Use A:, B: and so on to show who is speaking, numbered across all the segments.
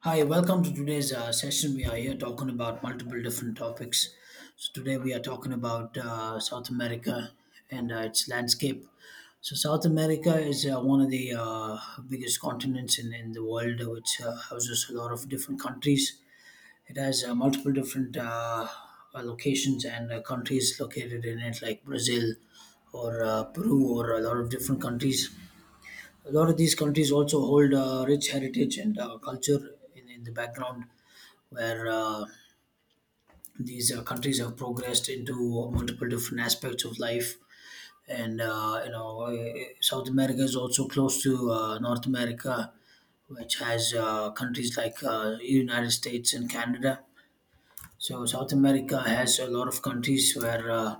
A: Hi, welcome to today's session. We are here talking about multiple different topics. So, today we are talking about South America and its landscape. So, South America is one of the biggest continents in the world, which houses a lot of different countries. It has multiple different locations and countries located in it, like Brazil or Peru, or a lot of different countries. A lot of these countries also hold rich heritage and culture in the background, where these countries have progressed into multiple different aspects of life. And South America is also close to North America, which has countries like United States and Canada. So South America has a lot of countries where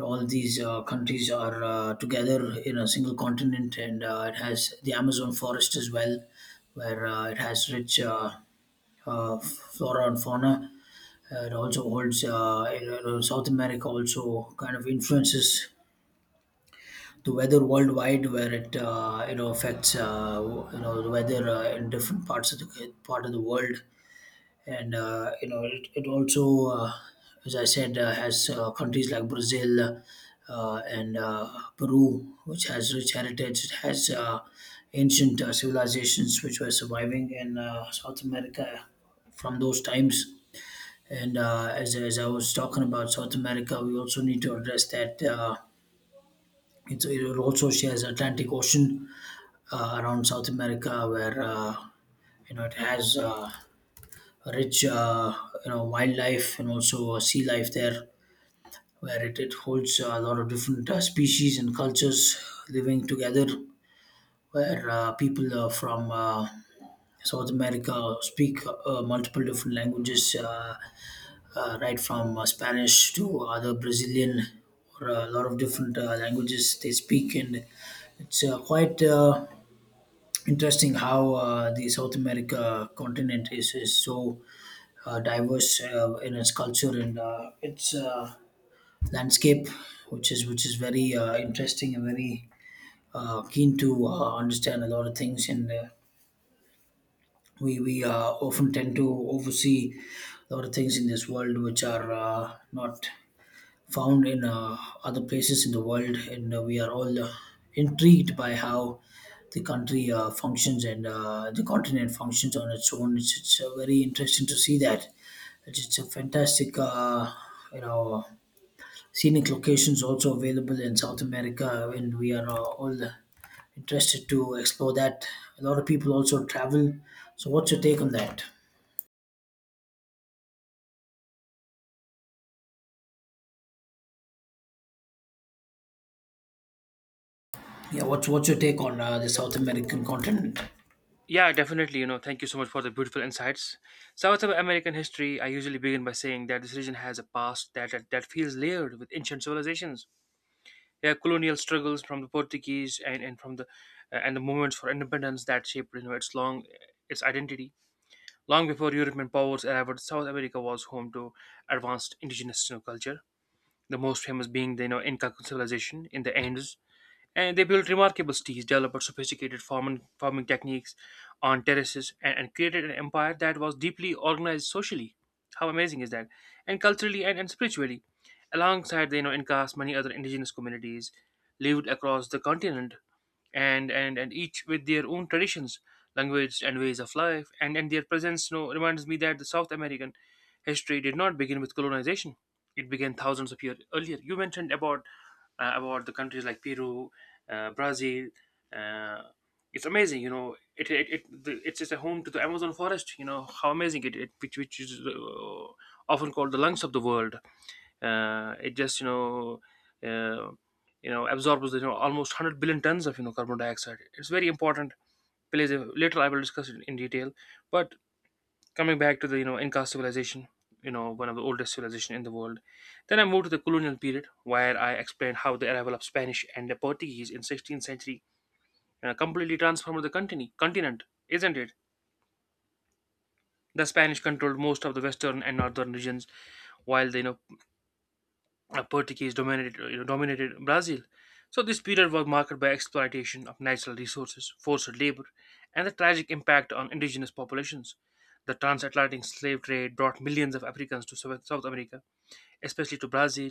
A: all these countries are together in a single continent, and it has the Amazon forest as well, where it has rich uh, flora and fauna. It also holds South America also kind of influences the weather worldwide, where it affects the weather in different parts of the part of the world. And it, it also as I said, has countries like Brazil and Peru, which has rich heritage. It has ancient civilizations which were surviving in South America from those times. And as I was talking about South America, we also need to address that it, it also shares Atlantic Ocean around South America, where it has rich, uh, wildlife and also sea life there, where it holds a lot of different species and cultures living together, where people from South America speak multiple different languages, right from Spanish to other Brazilian, or a lot of different languages they speak. And it's quite interesting how the South America continent is so diverse in its culture and its landscape, which is very interesting, and very keen to understand a lot of things. And we often tend to oversee a lot of things in this world which are not found in other places in the world. And we are all intrigued by how the country functions, and the continent functions on its own. It's very interesting to see that. It's a fantastic, you know, scenic locations also available in South America, and we are all interested to explore that. A lot of people also travel. So, what's your take on that? Yeah, what's your take on the South American continent?
B: Yeah, definitely. Thank you so much for the beautiful insights. South American history, I usually begin by saying that this region has a past that feels layered with ancient civilizations. Yeah, colonial struggles from the Portuguese and from the and the movements for independence that shaped its long its identity. Long before European powers arrived, South America was home to advanced indigenous culture. The most famous being the Inca civilization in the Andes, and they built remarkable cities, developed sophisticated farming techniques on terraces, and created an empire that was deeply organized socially. How amazing is that? And culturally and spiritually. Alongside the Incas, many other indigenous communities lived across the continent, and each with their own traditions, language, and ways of life. And their presence, reminds me that the South American history did not begin with colonization. It began thousands of years earlier. You mentioned about the countries like Peru, Brazil. Uh, it's amazing, you know. It's a home to the Amazon forest. You know how amazing it, it which is, often called the lungs of the world. It just you know. Uh, you know absorbs almost 100 billion tons of carbon dioxide. It's very important. Plays a, later I will discuss it in detail, but coming back to the Inca civilization, you know, one of the oldest civilization in the world. Then I moved to the colonial period where I explained how the arrival of Spanish and the Portuguese in 16th century completely transformed the continent, isn't it? The Spanish controlled most of the western and northern regions, while the Portuguese dominated Brazil. So this period was marked by exploitation of natural resources, forced labor, and the tragic impact on indigenous populations. The transatlantic slave trade brought millions of Africans to South America, especially to Brazil,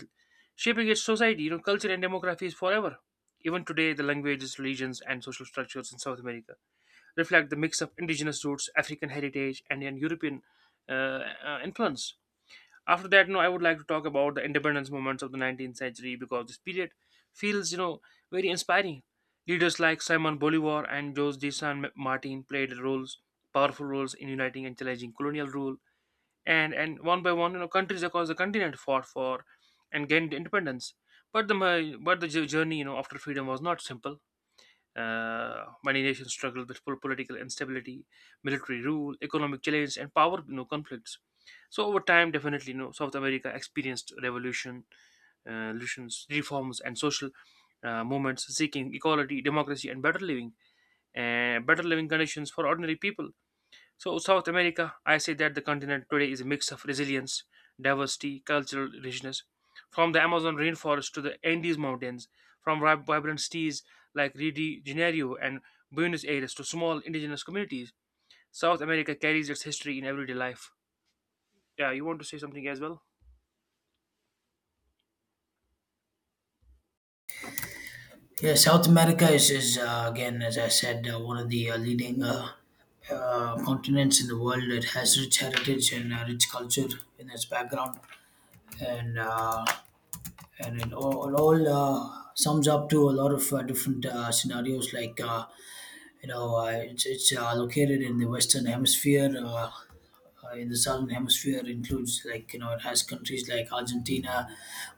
B: shaping its society, you know, culture, and demographies forever. Even today, the languages, religions, and social structures in South America reflect the mix of indigenous roots, African heritage, and an European influence. After that, you know, I would like to talk about the independence movements of the 19th century because this period feels, you know, very inspiring. Leaders like Simon Bolivar and Jose de San Martin played roles, powerful roles in uniting and challenging colonial rule. And one by one, you know, countries across the continent fought for and gained independence. But the journey, you know, after freedom was not simple. Many nations struggle with political instability, military rule, economic challenge, and power, you know, conflicts. So over time, definitely, you know, South America experienced revolutions, reforms, and social movements seeking equality, democracy, and better living conditions for ordinary people. So, South America, I say that the continent today is a mix of resilience, diversity, cultural richness. From the Amazon rainforest to the Andes Mountains, from vibrant cities like Rio de Janeiro and Buenos Aires to small indigenous communities, South America carries its history in everyday life. Yeah, you want to say something as well?
A: Yeah, South America is, again, as I said, one of the leading continents in the world. It has rich heritage and rich culture in its background, and and it all sums up to a lot of different scenarios. Like, it's located in the Western Hemisphere. In the Southern Hemisphere, includes, like you know, it has countries like Argentina,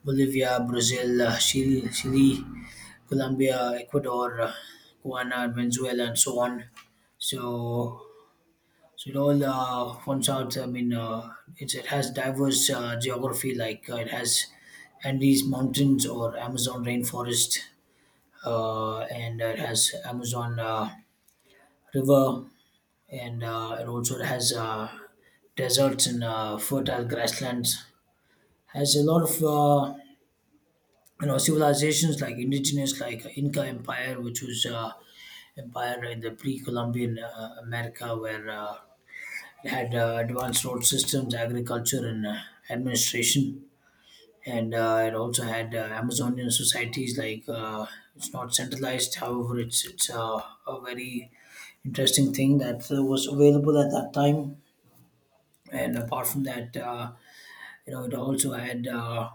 A: Bolivia, Brazil, Chile, Chile, Colombia, Ecuador, Guyana, Venezuela, and so on. So, so it all forms out. I mean, it's, it has diverse geography. Like, it has Andes Mountains or Amazon rainforest, and it has Amazon River, and it also has deserts and fertile grasslands. Has a lot of civilizations, like indigenous, like Inca Empire, which was Empire in the pre-Columbian America, where it had advanced road systems, agriculture, and administration. And it also had Amazonian societies. Like, it's not centralized, however, it's a very interesting thing that was available at that time. And apart from that, it also had uh,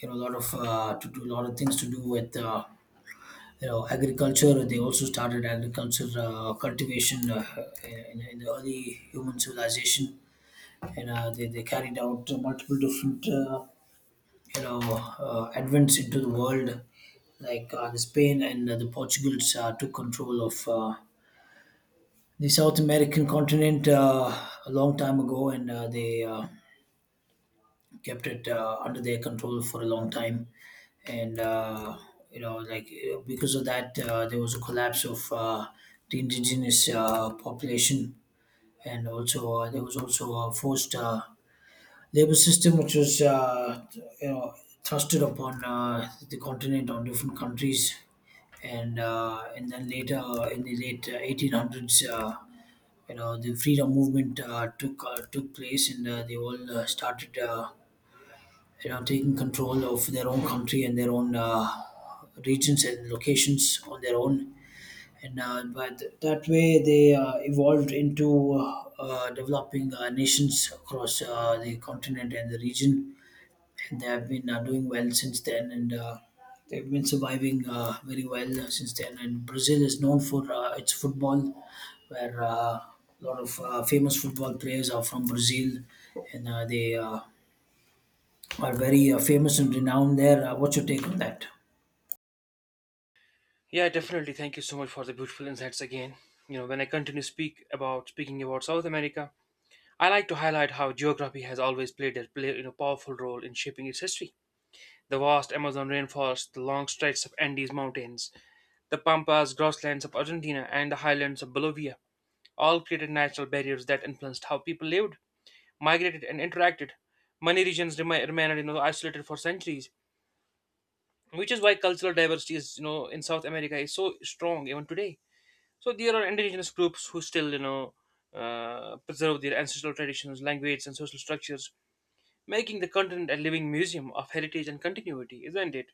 A: you know a lot of to do a lot of things to do with. Agriculture, they also started agriculture cultivation in the early human civilization. And they carried out multiple different you know advents into the world, like the Spain and the Portugals took control of the South American continent a long time ago, and they kept it under their control for a long time. And, like, because of that, there was a collapse of the indigenous population. And also, there was also a forced labor system, which was, you know, thrusted upon the continent on different countries. And and then later, in the late 1800s, the freedom movement took place, and they all started taking control of their own country and their own regions and locations on their own. And but that way, they evolved into developing nations across the continent and the region. And they have been doing well since then, and they've been surviving very well since then. And Brazil is known for its football, where a lot of famous football players are from Brazil, and they are very famous and renowned there. What's your take on that?
B: Yeah, definitely. Thank you so much for the beautiful insights again. You know, when I continue speak about speaking about South America, I like to highlight how geography has always played a play, you know, powerful role in shaping its history. The vast Amazon rainforest, the long stretches of Andes Mountains, the pampas, grasslands of Argentina, and the highlands of Bolivia all created natural barriers that influenced how people lived, migrated, and interacted. Many regions remained, you know, isolated for centuries, which is why cultural diversity is, you know, in South America is so strong even today. So there are indigenous groups who still preserve their ancestral traditions, language, and social structures, making the continent a living museum of heritage and continuity, isn't it?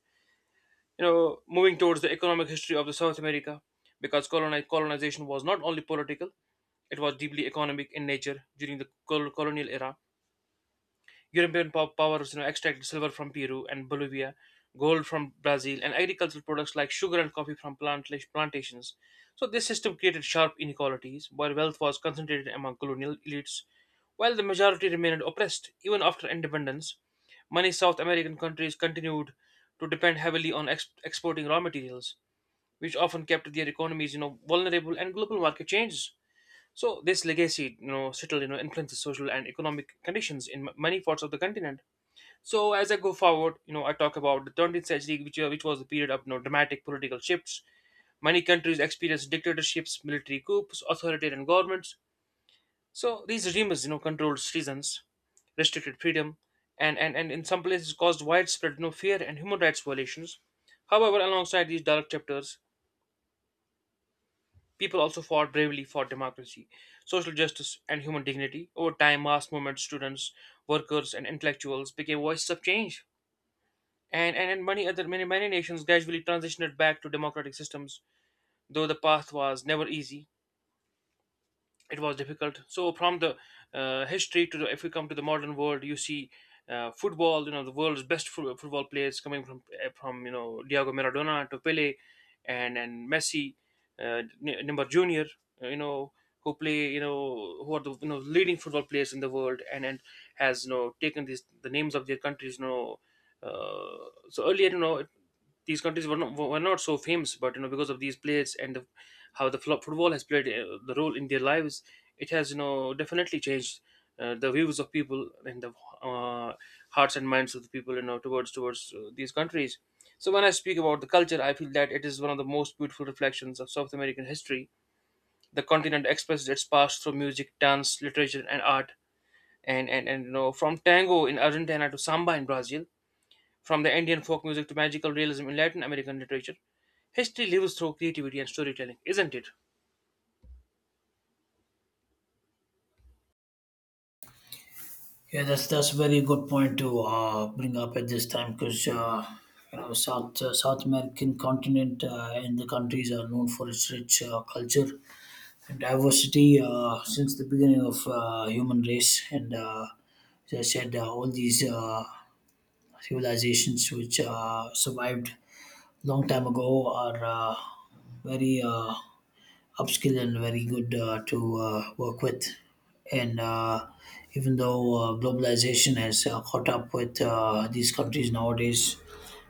B: You know, moving towards the economic history of the South America, because colonization was not only political; it was deeply economic in nature. During the colonial era, European powers, you know, extracted silver from Peru and Bolivia, gold from Brazil, and agricultural products like sugar and coffee from plantations. So this system created sharp inequalities, where wealth was concentrated among colonial elites, while the majority remained oppressed even after independence. Many South American countries continued to depend heavily on exporting raw materials which often kept their economies, you know, vulnerable and global market changes. So this legacy, you know, still, you know, influences social and economic conditions in many parts of the continent. So as I go forward, you know, I talk about the 20th century, which was a period of, you know, dramatic political shifts. Many countries experienced dictatorships, military coups, authoritarian governments. So these regimes, you know, controlled citizens, restricted freedom, and in some places caused widespread, you know, fear and human rights violations. However, alongside these dark chapters, people also fought bravely for democracy, social justice, and human dignity. Over time, mass movement students, workers, and intellectuals became voices of change. And many other Many nations gradually transitioned back to democratic systems, though the path was never easy, it was difficult. So from the history to the, if we come to the modern world, you see football. You know the world's best football players coming from from, you know, Diego Maradona to Pele, and Messi, Neymar Junior. You know who play, you know, who are the, you know, leading football players in the world, and has, you know, taken these the names of their countries. You know, so earlier, you know, these countries were not so famous, but you know because of these players and the, how the football has played the role in their lives, it has, you know, definitely changed the views of people and the uh, hearts and minds of the people, you know, towards towards these countries. So when I speak about the culture, I feel that it is one of the most beautiful reflections of South American history. The continent expresses its past through music, dance, literature, and art. And you know, from tango in Argentina to samba in Brazil, from the Indian folk music to magical realism in Latin American literature, history lives through creativity and storytelling, isn't it?
A: Yeah, that's a very good point to bring up at this time, because South American continent and the countries are known for its rich culture and diversity since the beginning of human race. And as I said, all these civilizations which survived long time ago are very upskill, and very good to work with. And even though globalization has caught up with these countries nowadays,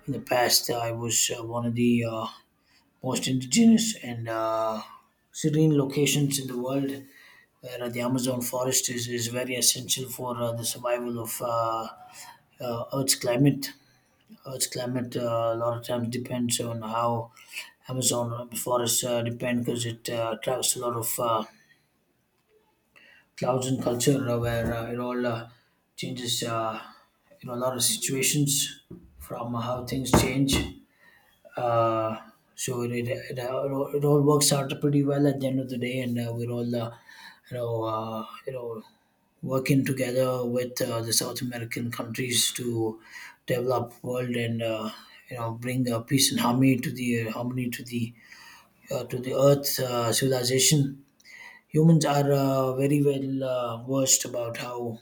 A: in the past I was one of the most indigenous and serene locations in the world, where the Amazon forest is very essential for the survival of Earth's climate. Earth's climate a lot of times depends on how Amazon forest depend, because it attracts a lot of clouds and culture, where it all changes. A lot of situations from how things change. Uh, so it all works out pretty well at the end of the day, and we're all, you know, uh, you know, working together with the South American countries to develop world, and bring peace and harmony to the to the Earth civilization. Humans are very well versed about how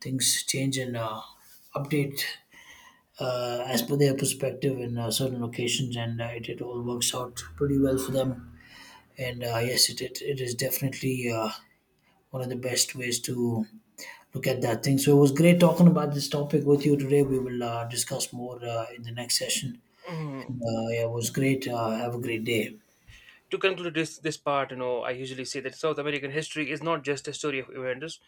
A: things change and update as per their perspective in certain locations, and it all works out pretty well for them. And yes, it is definitely one of the best ways to look at that thing. So it was great talking about this topic with you today. We will discuss more in the next session.
B: Mm.
A: Yeah, it was great. Have a great day.
B: To conclude this part, you know, I usually say that South American history is not just a story of events;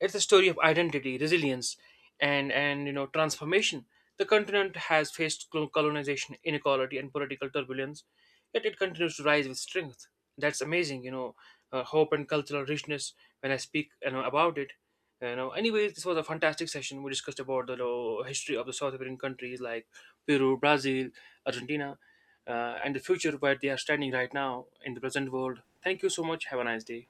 B: it's a story of identity, resilience, and you know transformation. The continent has faced colonization, inequality, and political turbulence, yet it continues to rise with strength. That's amazing, you know, hope and cultural richness. When I speak, you know, about it, you know. Anyways, this was a fantastic session. We discussed about the, you know, history of the South American countries like Peru, Brazil, Argentina, and the future where they are standing right now in the present world. Thank you so much. Have a nice day.